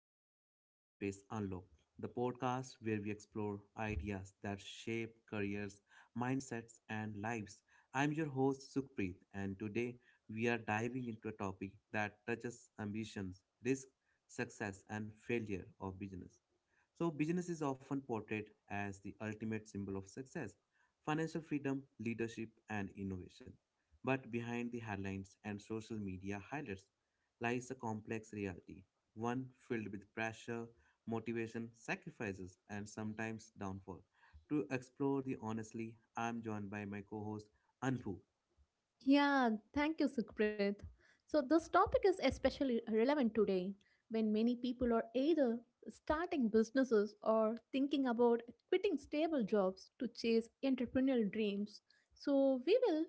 Welcome back to Mindspace Unlock, the podcast where we explore ideas that shape careers, mindsets, and lives. I'm your host, Sukhpreet, and today we are diving into a topic that touches ambitions, risk, success, and failure of business. So, business is often portrayed as the ultimate symbol of success, financial freedom, leadership, and innovation. But behind the headlines and social media highlights lies a complex reality, one filled with pressure, motivation, sacrifices, and sometimes downfall. To explore the honestly, I'm joined by my co host Anpu. Yeah, thank you, Sukhpreet. So, this topic is especially relevant today when many people are either starting businesses or thinking about quitting stable jobs to chase entrepreneurial dreams. So, we will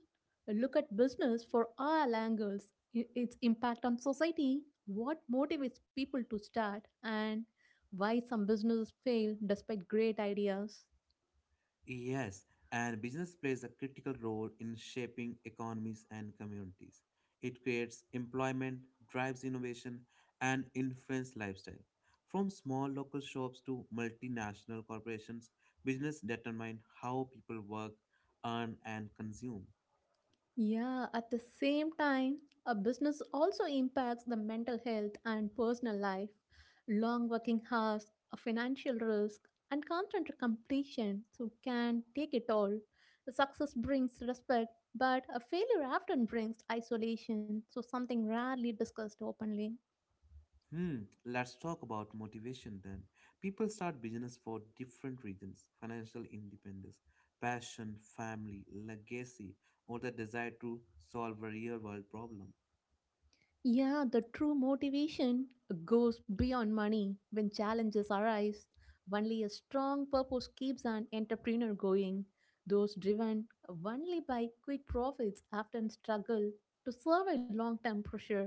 look at business for all angles, its impact on society, what motivates people to start, and why some businesses fail despite great ideas. Yes, and business plays a critical role in shaping economies and communities. It creates employment, drives innovation, and influences lifestyle. From small local shops to multinational corporations, business determine how people work, earn, and consume. Yeah, at the same time, a business also impacts the mental health and personal life. Long working hours, a financial risk, and constant completion so can take it all. The success brings respect, but a failure often brings isolation, so something rarely discussed openly. Hmm, let's talk about motivation then. People start business for different reasons financial independence, passion, family, legacy, or the desire to solve a real world problem. Yeah, the true motivation goes beyond money when challenges arise. Only a strong purpose keeps an entrepreneur going. Those driven only by quick profits often struggle to survive long term pressure.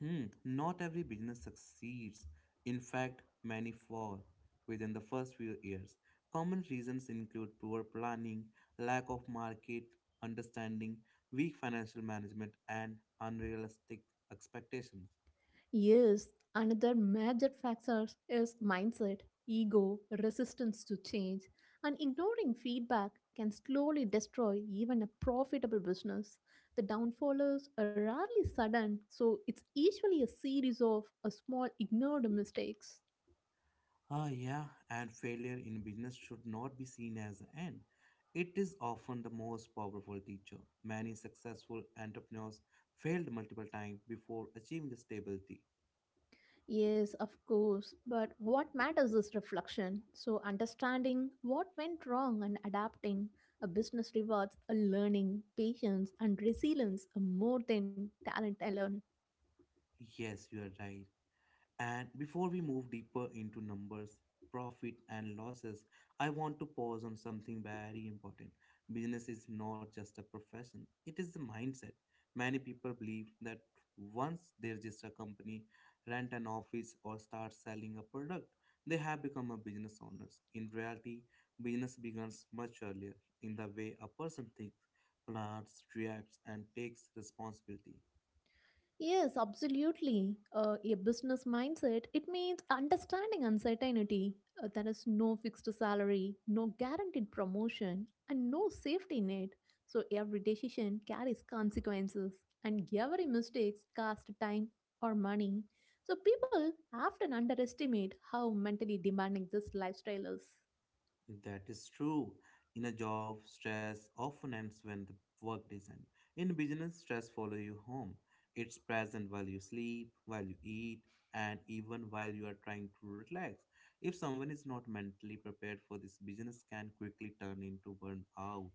Hmm, not every business succeeds. In fact, many fall within the first few years. Common reasons include poor planning, lack of market understanding, weak financial management, and unrealistic expectations. Yes, another major factor is mindset, ego, resistance to change, and ignoring feedback can slowly destroy even a profitable business. The downfall is rarely sudden, so it's usually a series of a small ignored mistakes. Ah, yeah, and failure in business should not be seen as an end. It is often the most powerful teacher. Many successful entrepreneurs failed multiple times before achieving stability. Yes, of course, but what matters is reflection. So, understanding what went wrong and adapting. A business rewards a learning, patience, and resilience more than talent alone. Yes, you are right. And before we move deeper into numbers, profit, and losses, I want to pause on something very important. Business is not just a profession, it is a mindset. Many people believe that once they register a company, rent an office, or start selling a product, they have become a business owners. In reality, business begins much earlier in the way a person thinks, plans, reacts, and takes responsibility. Yes, absolutely. A business mindset, it means understanding uncertainty. There is no fixed salary, no guaranteed promotion, and no safety net. So every decision carries consequences, and every mistake costs time or money. So people often underestimate how mentally demanding this lifestyle is. That is true. In a job, stress often ends when the work is end. In business, stress follows you home. It's present while you sleep, while you eat, and even while you are trying to relax. If someone is not mentally prepared for this, business can quickly turn into burnout.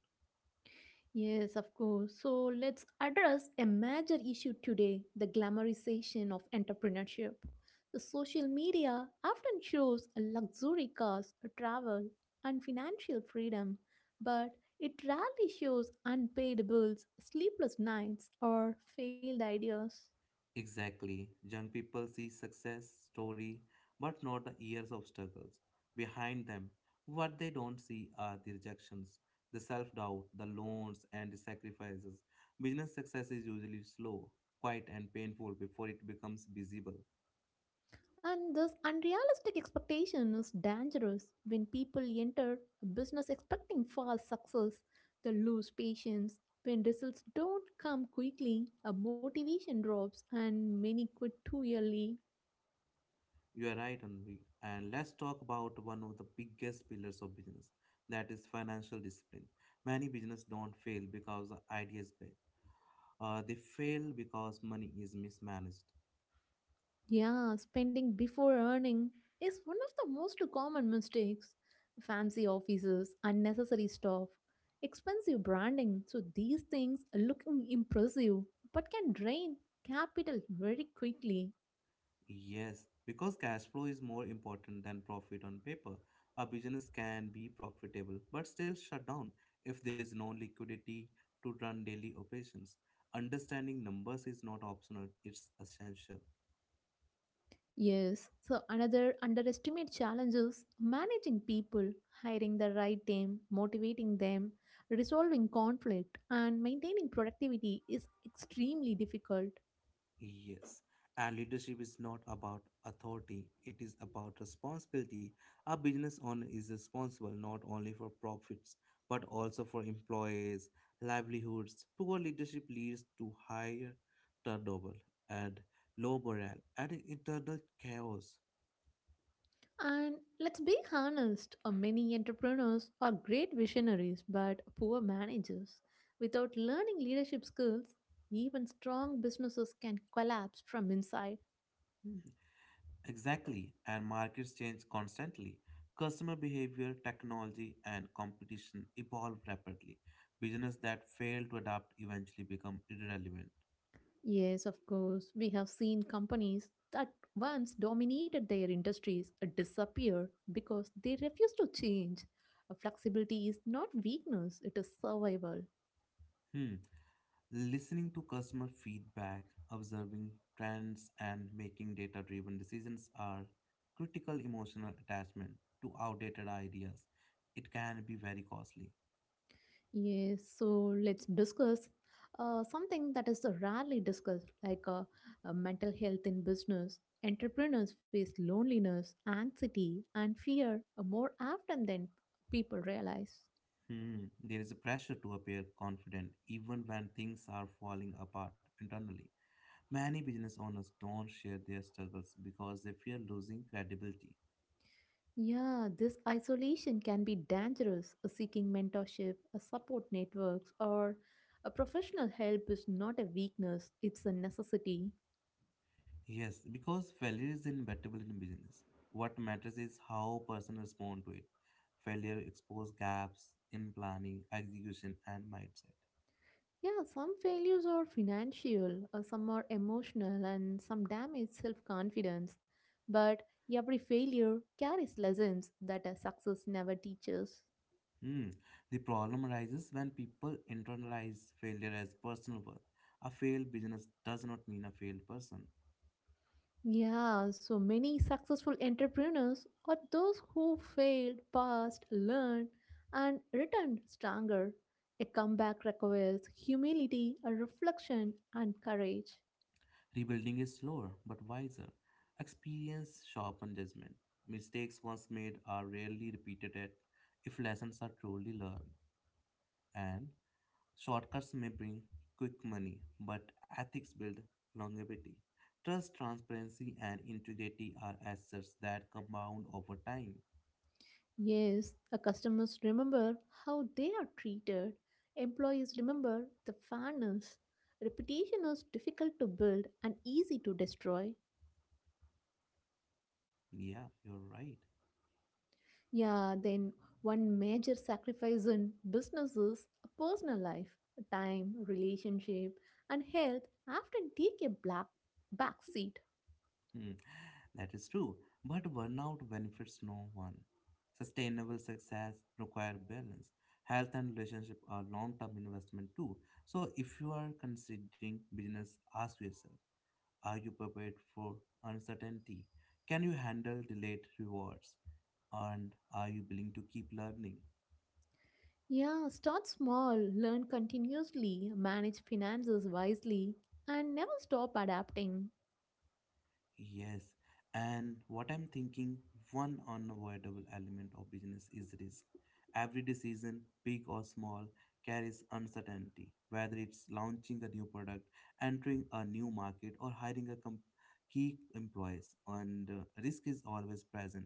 Yes, of course. So let's address a major issue today, the glamorization of entrepreneurship. The social media often shows luxury cars, travel, and financial freedom, but it rarely shows unpaid bills, sleepless nights, or failed ideas. Exactly. Young people see success story, but not the years of struggles behind them. What they don't see are the rejections, the self-doubt, the loans, and the sacrifices. Business success is usually slow, quiet, and painful before it becomes visible. And this unrealistic expectation is dangerous. When people enter a business expecting fast success, they lose patience. When results don't come quickly, a motivation drops and many quit too early. You are right, Anvi. And let's talk about one of the biggest pillars of business, that is financial discipline. Many business don't fail because the idea is bad. They fail because money is mismanaged. Yeah, spending before earning is one of the most common mistakes. Fancy offices, unnecessary stuff, expensive branding. So these things are looking impressive but can drain capital very quickly. Yes, because cash flow is more important than profit on paper. A business can be profitable but still shut down if there is no liquidity to run daily operations. Understanding numbers is not optional, it's essential. Yes, so another underestimated challenge is managing people, hiring the right team, motivating them, resolving conflict, and maintaining productivity is extremely difficult. Yes, and leadership is not about authority, it is about responsibility. A business owner is responsible not only for profits but also for employees' livelihoods. Poor leadership leads to higher turnover and low morale and internal chaos. And let's be honest, many entrepreneurs are great visionaries but poor managers. Without learning leadership skills, even strong businesses can collapse from inside. Mhm. Exactly, and markets change constantly. Customer behavior, technology, and competition evolve rapidly. Businesses that fail to adapt eventually become irrelevant. Yes, of course. We have seen companies that once dominated their industries disappear because they refuse to change. Flexibility is not weakness, it is survival. Hmm. Listening to customer feedback, observing trends, and making data driven decisions are critical emotional attachment to outdated ideas. It can be very costly. Yes, so let's discuss something that is rarely discussed, like mental health in business. Entrepreneurs face loneliness, anxiety, and fear more often than people realize. Hmm. There is a pressure to appear confident even when things are falling apart internally. Many business owners don't share their struggles because they fear losing credibility. Yeah, this isolation can be dangerous. Seeking mentorship, a support networks, or a professional help is not a weakness, it's a necessity. Yes, because failure is inevitable in business. What matters is how person respond to it. Failure expose gaps in planning, execution, and mindset. Yeah, some failures are financial, some are emotional, and some damage self confidence. But every failure carries lessons that a success never teaches. Hmm. The problem arises when people internalize failure as personal worth. A failed business does not mean a failed person. Yeah, so many successful entrepreneurs are those who failed, passed, learned, and returned stronger. A comeback requires humility, a reflection, and courage. Rebuilding is slower but wiser. Experience sharpens judgment. Mistakes once made are rarely repeated at if lessons are truly learned. And shortcuts may bring quick money, but ethics build longevity. Trust, transparency, and integrity are assets that compound over time. Yes, our customers remember how they are treated. Employees remember the fairness. Reputation is difficult to build and easy to destroy. Yeah, you're right. Yeah, then one major sacrifice in business is personal life. Time, relationship, and health often take a black back seat. Hmm, that is true. But burnout benefits no one. Sustainable success require balance. Health and relationship are long-term investment too. So if you are considering business, ask yourself, are you prepared for uncertainty? Can you handle delayed rewards? And are you willing to keep learning? Yeah, start small, learn continuously, manage finances wisely, and never stop adapting. Yes. And what I'm thinking, one unavoidable element of business is risk. Every decision, big or small, carries uncertainty, whether it's launching a new product, entering a new market, or hiring a key employees. And risk is always present.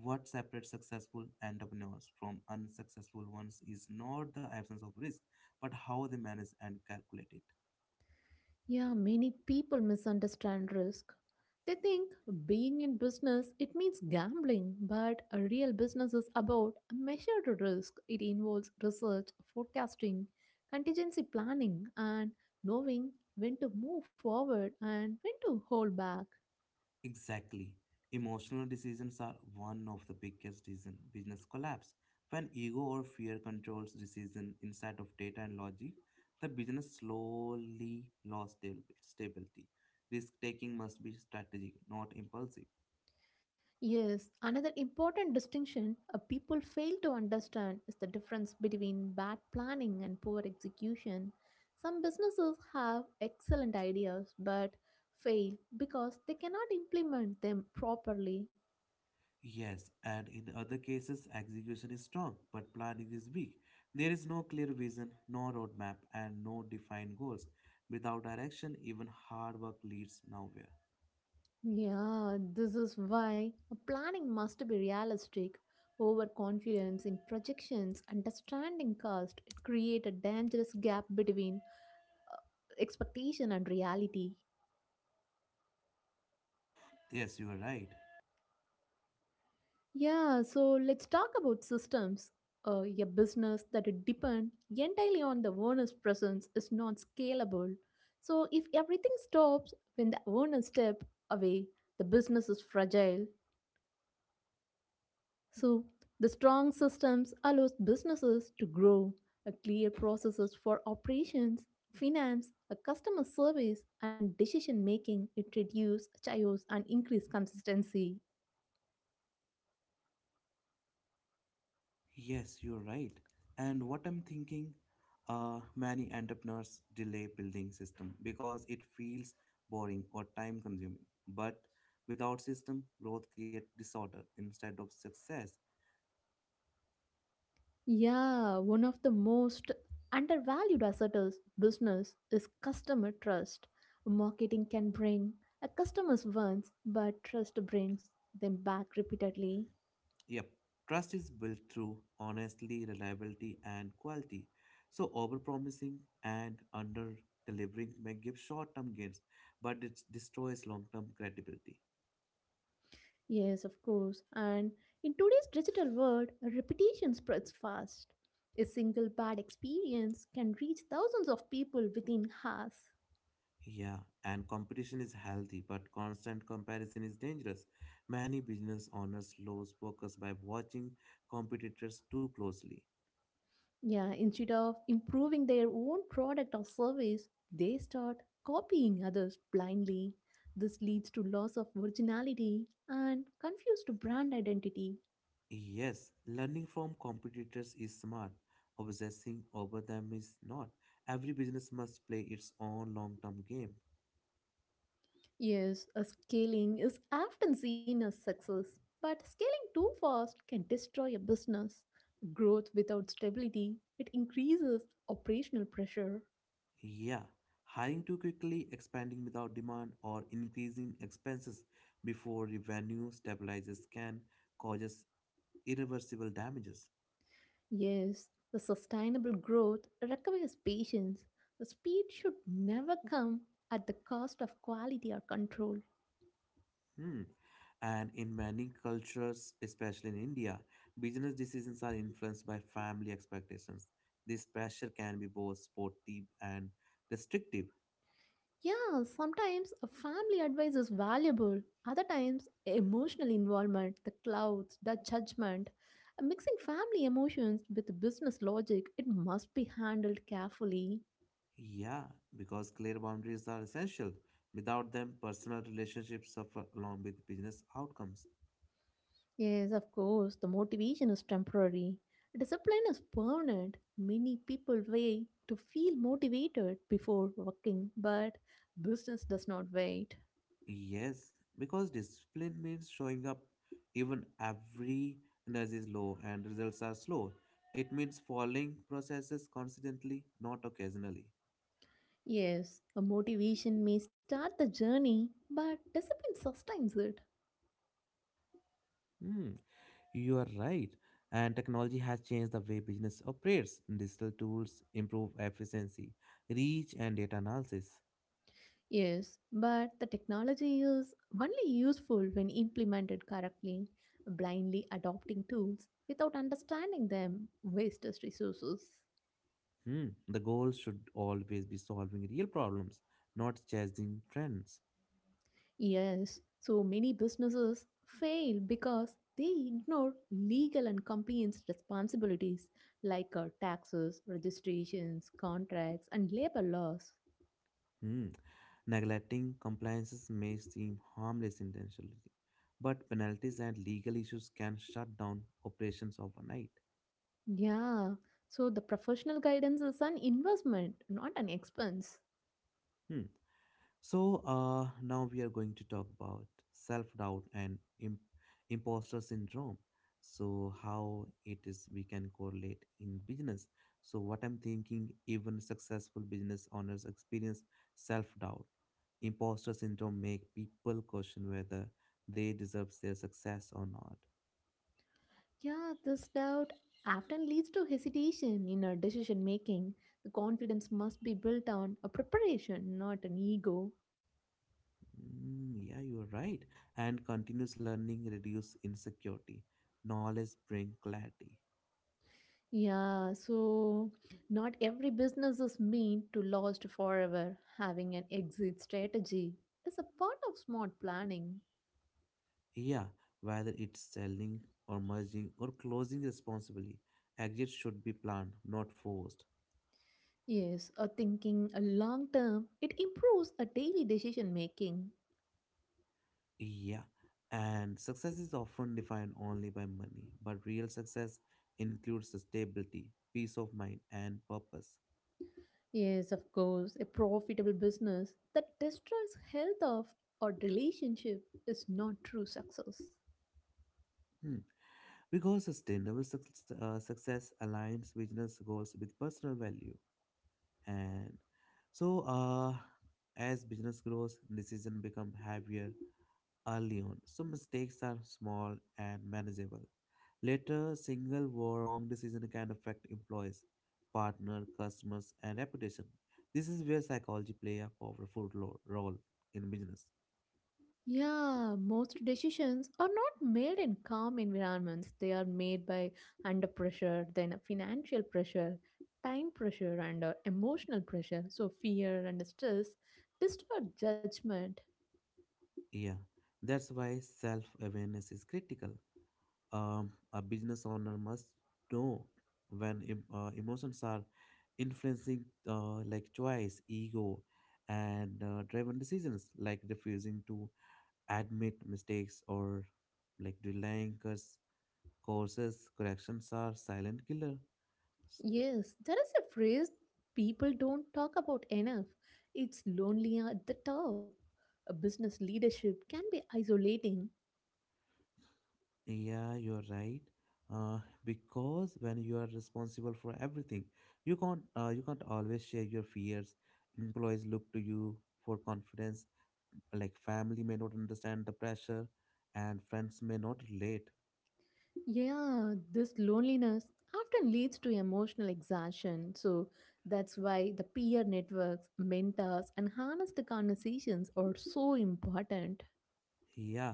What separates successful entrepreneurs from unsuccessful ones is not the absence of risk, but how they manage and calculate it. Yeah, many people misunderstand risk. They think being in business it means gambling, but a real business is about a measured risk. It involves research, forecasting, contingency planning and knowing when to move forward and when to hold back. Exactly. Emotional decisions are one of the biggest reason business collapse. When ego or fear controls decision instead of data and logic, the business slowly lost stability. Risk taking must be strategic, not impulsive. Yes, another important distinction, people fail to understand is the difference between bad planning and poor execution. Some businesses have excellent ideas but fail because they cannot implement them properly. Yes, and in other cases, execution is strong, but planning is weak. There is no clear vision, no roadmap, and no defined goals. Without direction, even hard work leads nowhere. Yeah, this is why a planning must be realistic. Overconfidence in projections, understanding cost, it create a dangerous gap between uh, expectation and reality. Yes, you are right. Yeah, so let's talk about systems. A business that it depend entirely on the owner's presence is not scalable. So if everything stops when the owner step away, the business is fragile. So the strong systems allows businesses to grow. A clear processes for operations, finance, a customer service, and decision making. It reduces chaos and increase consistency. Yes, you are right. And what I'm thinking, many entrepreneurs delay building system because it feels boring or time consuming. But without system, growth creates disorder instead of success. Yeah, one of the most undervalued asset of business is customer trust. Marketing can bring a customers once, but trust brings them back repeatedly. Yep. Trust is built through honesty, reliability, and quality. So overpromising and under-delivering may give short-term gains, but it destroys long-term credibility. Yes, of course. And in today's digital world, reputation spreads fast. A single bad experience can reach thousands of people within hours. Yeah, and competition is healthy, but constant comparison is dangerous. Many business owners lose focus by watching competitors too closely. Yeah, instead of improving their own product or service, they start copying others blindly. This leads to loss of originality and confused brand identity. Yes, learning from competitors is smart. Obsessing over them is not. Every business must play its own long-term game. Yes, a scaling is often seen as success, but scaling too fast can destroy a business. Growth without stability, it increases operational pressure. Yeah, hiring too quickly, expanding without demand, or increasing expenses before revenue stabilizes can cause irreversible damages. Yes, the sustainable growth requires patience. The speed should never come at the cost of quality or control. Hmm. And in many cultures, especially in India, business decisions are influenced by family expectations. This pressure can be both supportive and restrictive. Yeah, sometimes a family advice is valuable, other times, emotional involvement, the clouds, the judgment. Mixing family emotions with business logic, it must be handled carefully. Yeah, because clear boundaries are essential. Without them, personal relationships suffer along with business outcomes. Yes, of course, the motivation is temporary. Discipline is permanent. Many people wait to feel motivated before working, but business does not wait. Yes, because discipline means showing up even every energy is low and results are slow. It means following processes constantly, not occasionally. Yes, a motivation may start the journey, but discipline sustains it. Hmm, you are right. And technology has changed the way business operates. Digital tools improve efficiency, reach, and data analysis. Yes, but the technology is only useful when implemented correctly. Blindly adopting tools without understanding them wastes resources. Hmm, the goal should always be solving real problems, not chasing trends. Yes, so many businesses fail because they ignore legal and compliance responsibilities like taxes, registrations, contracts, and labor laws. Hmm. Neglecting compliances may seem harmless intentionally, but penalties and legal issues can shut down operations overnight. Yeah, so the professional guidance is an investment, not an expense. Hmm. So, now we are going to talk about self doubt and imposter syndrome. So, how it is we can correlate in business. So, what I'm thinking, even successful business owners experience self doubt. Imposter syndrome make people question whether they deserve their success or not. Yeah, this doubt often leads to hesitation in our decision making. The confidence must be built on a preparation, not an ego. Yeah, you're right. And continuous learning reduce insecurity. Knowledge bring clarity. Yeah, so not every business is meant to last forever. Having an exit strategy is a part of smart planning. Yeah, whether it's selling or merging or closing responsibly, exit should be planned, not forced. Yes, a thinking a long term, it improves a daily decision making. Yeah, and success is often defined only by money, but real success includes stability, peace of mind, and purpose. Yes, of course, a profitable business that destroys health of or relationship is not true success. Hmm. Because sustainable success, success aligns business goals with personal value. And so as business grows decision become heavier early on, so mistakes are small and manageable later. Single wrong decision can affect employees partner customers and reputation. This is where psychology play a powerful role in business. Yeah, most decisions are not made in calm environments. They are made by under pressure, then financial pressure, time pressure, and emotional pressure. So, fear and stress distort judgment. Yeah, that's why self awareness is critical. A business owner must know when emotions are influencing like choice ego and driven decisions, like refusing to admit mistakes or like delaying courses corrections are silent killers. Yes, there is a phrase people don't talk about enough. It's lonely at the top. A business leadership can be isolating. Yeah, you're right. Uh, because when you are responsible for everything, you can't always share your fears. Employees look to you for confidence. Like family may not understand the pressure, and friends may not relate. Yeah, this loneliness often leads to emotional exhaustion. So that's why the peer networks, mentors, and honest conversations are so important. Yeah.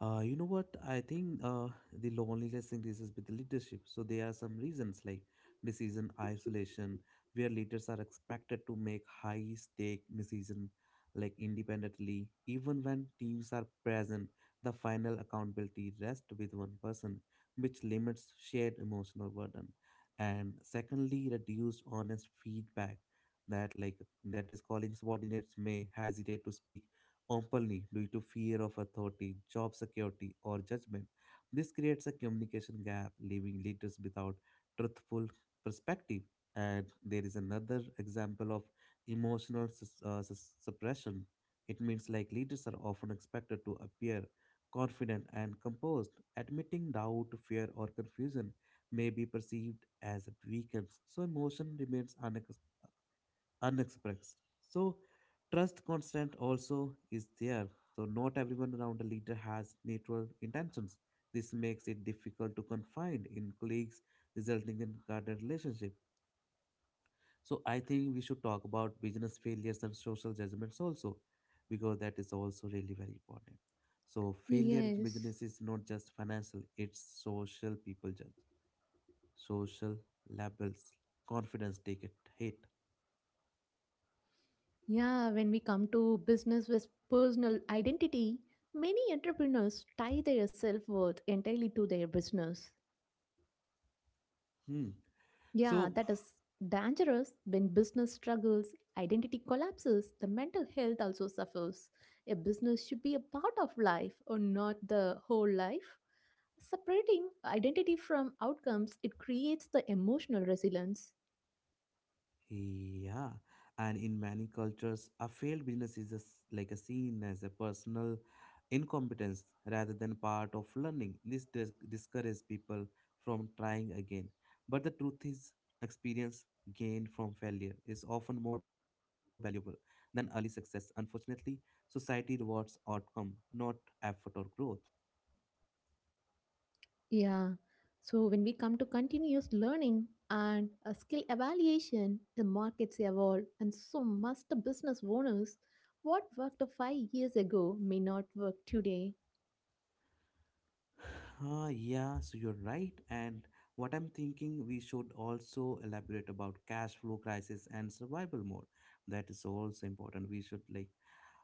You know what? I think the loneliness increases with leadership. So there are some reasons like decision isolation, where leaders are expected to make high stake decision like independently. Even when teams are present, the final accountability rests with one person, which limits shared emotional burden. And secondly, reduced honest feedback, that like that is calling subordinates may hesitate to speak openly due to fear of authority, job security, or judgment. This creates a communication gap, leaving leaders without truthful perspective. And there is another example of emotional suppression. It means like leaders are often expected to appear confident and composed. Admitting doubt, fear, or confusion may be perceived as a weakness, so emotion remains unexpressed. So trust constant also is there. So not everyone around a leader has natural intentions. This makes it difficult to confine in colleagues, resulting in guarded relationship. So I think we should talk about business failures and social judgments also, because that is also really very important. So failure in Yes. business is not just financial; it's social. People judge social labels, confidence take it hit. Yeah, when we come to business with personal identity, many entrepreneurs tie their self worth entirely to their business. Hmm. Yeah, So that is dangerous when business struggles, identity collapses, the mental health also suffers. A business should be a part of life or not the whole life. Separating identity from outcomes, it creates the emotional resilience. yeah, and in many cultures, a failed business is a s like a seen as a personal incompetence rather than part of learning. This discourages people from trying again. But the truth is, experience gained from failure is often more valuable than early success. Unfortunately, society rewards outcome, not effort or growth. Yeah. So when we come to continuous learning and a skill evaluation, the markets evolve and so must the business owners. What worked 5 years ago may not work today. Ah, yeah, so you're right. And what I'm thinking, we should also elaborate about cash flow crisis and survival mode. That is also important. We should like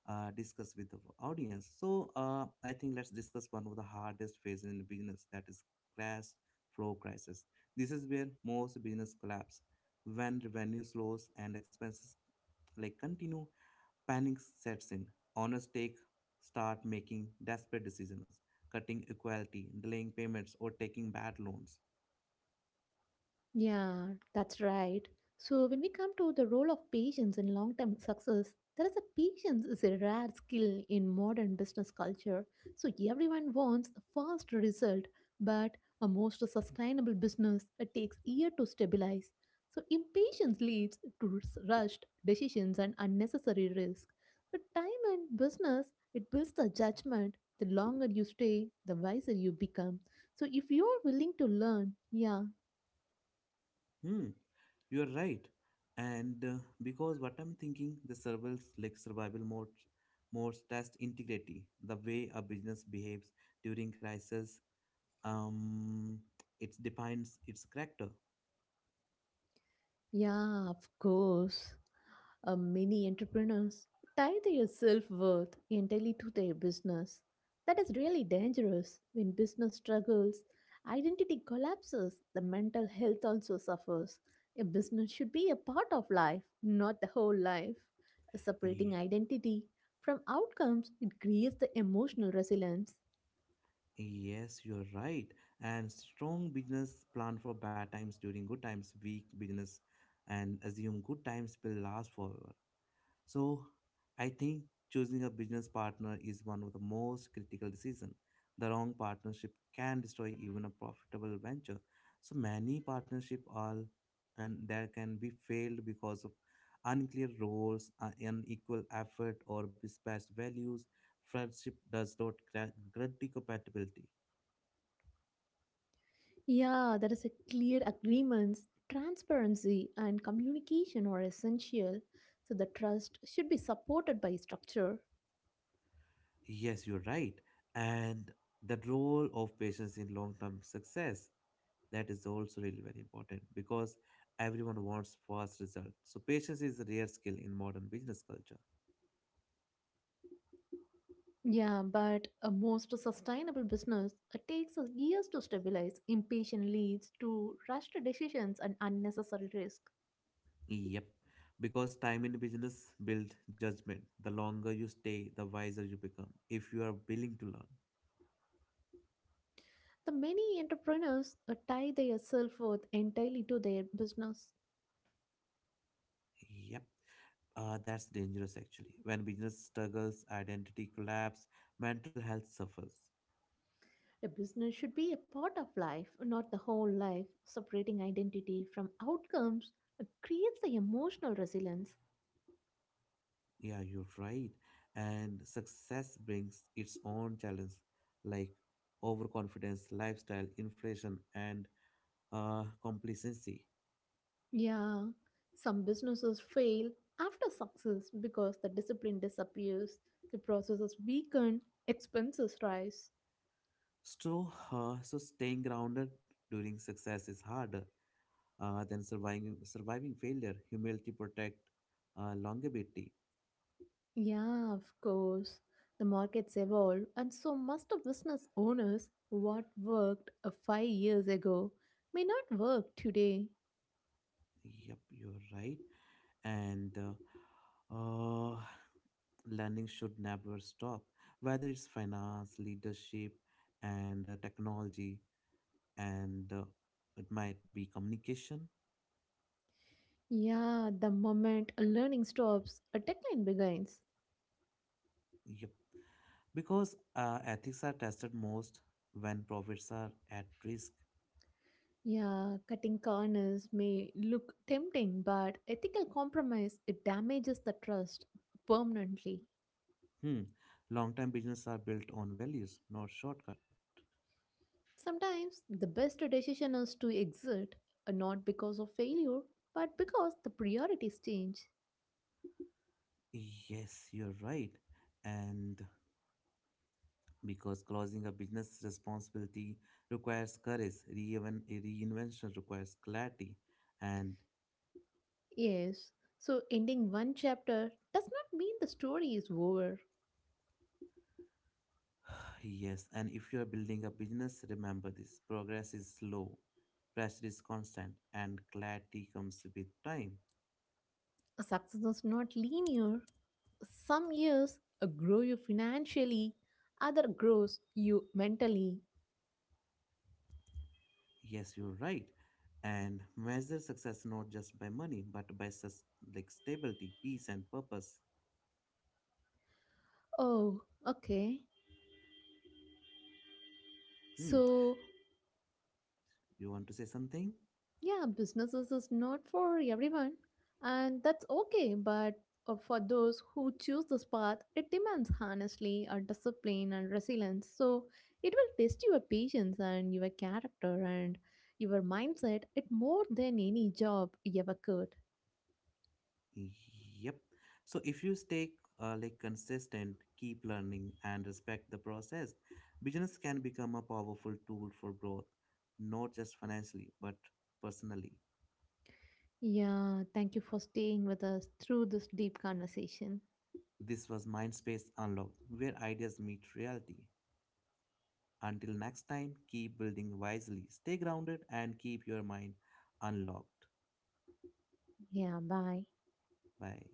discuss with the audience. So I think let's discuss one of the hardest phases in business, that is cash flow crisis. This is where most business collapse when revenue slows and expenses like continue. Panic sets in. Owners take Start making desperate decisions, cutting equality, delaying payments, or taking bad loans. Yeah, that's right. So, when we come to the role of patience in long term success, there is a patience is a rare skill in modern business culture. So, everyone wants a fast result, but a most sustainable business it takes year to stabilize. So, impatience leads to rushed decisions and unnecessary risk. So, time and business it builds the judgment. The longer you stay, the wiser you become. So, if you're willing to learn, yeah. Hmm, you are right. And because what I'm thinking, the survival mode, modes test integrity, the way a business behaves during crisis. Um, it defines its character. Yeah, of course. Many entrepreneurs tie their self worth entirely to their business. That is really dangerous. When business struggles, identity collapses, the mental health also suffers. A business should be a part of life, not the whole life. Separating identity from outcomes, it creates the emotional resilience. Yes, you're right. And strong business plan for bad times during good times, weak business, and assume good times will last forever. So, I think choosing a business partner is one of the most critical decision. The wrong partnership can destroy even a profitable venture. So many partnership are, and that can be failed because of unclear roles, unequal effort, or mismatched values. Friendship does not guarantee compatibility. Yeah, there is a clear agreements, transparency and communication are essential. So the trust should be supported by structure. Yes, you're right. And the role of patience in long term success, that is also really very important because everyone wants fast results. So patience is a rare skill in modern business culture. Yeah, but a most sustainable business it takes us years to stabilize. Impatient leads to rushed decisions and unnecessary risk. Yep. Because time in business builds judgment. The longer you stay, the wiser you become if you are willing to learn. The many entrepreneurs tie their self worth entirely to their business. Yep. That's dangerous actually. When business struggles, identity collapse, mental health suffers. A business should be a part of life, not the whole life. Separating identity from outcomes creates the emotional resilience. Yeah, you're right. And success brings its own challenge, like overconfidence, lifestyle, inflation, and complacency. Yeah, some businesses fail after success because the discipline disappears, the processes weaken, expenses rise. So, staying grounded during success is harder than surviving failure. Humility protect longevity. Yeah, of course. The markets evolve, and so must the business owners. What worked 5 years ago may not work today. Yep, you're right. And learning should never stop, whether it's finance, leadership, and technology and it might be communication. Yeah, the moment a learning stops, a decline begins. Yep. Because ethics are tested most when profits are at risk. Yeah, cutting corners may look tempting, but ethical compromise it damages the trust permanently. Hmm. Long-term business are built on values, not shortcut. Sometimes the best decision is to exit, not because of failure, but because the priorities change. Yes, you're right. And because closing a business responsibility requires courage, even a reinvention requires clarity, and Yes, so ending one chapter does not mean the story is over. yes, and if you are building a business, remember this progress is slow, pressure is constant, and clarity comes with time. Success is not linear. Some years grow you financially, other grows you mentally. Yes, you're right. And measure success not just by money, but by like stability, peace, and purpose. Oh, okay. Hmm. So, You want to say something? yeah, businesses is not for everyone, and that's okay. But for those who choose this path, it demands honestly a discipline and resilience. So, it will test your patience and your character and your mindset. It more than any job you ever could. Yep. So if you stay like consistent, keep learning, and respect the process, business can become a powerful tool for growth, not just financially, but personally. Yeah, thank you for staying with us through this deep conversation. This was Mindspace Unlocked, where ideas meet reality. Until next time, keep building wisely, stay grounded, and keep your mind unlocked. Yeah, bye. Bye.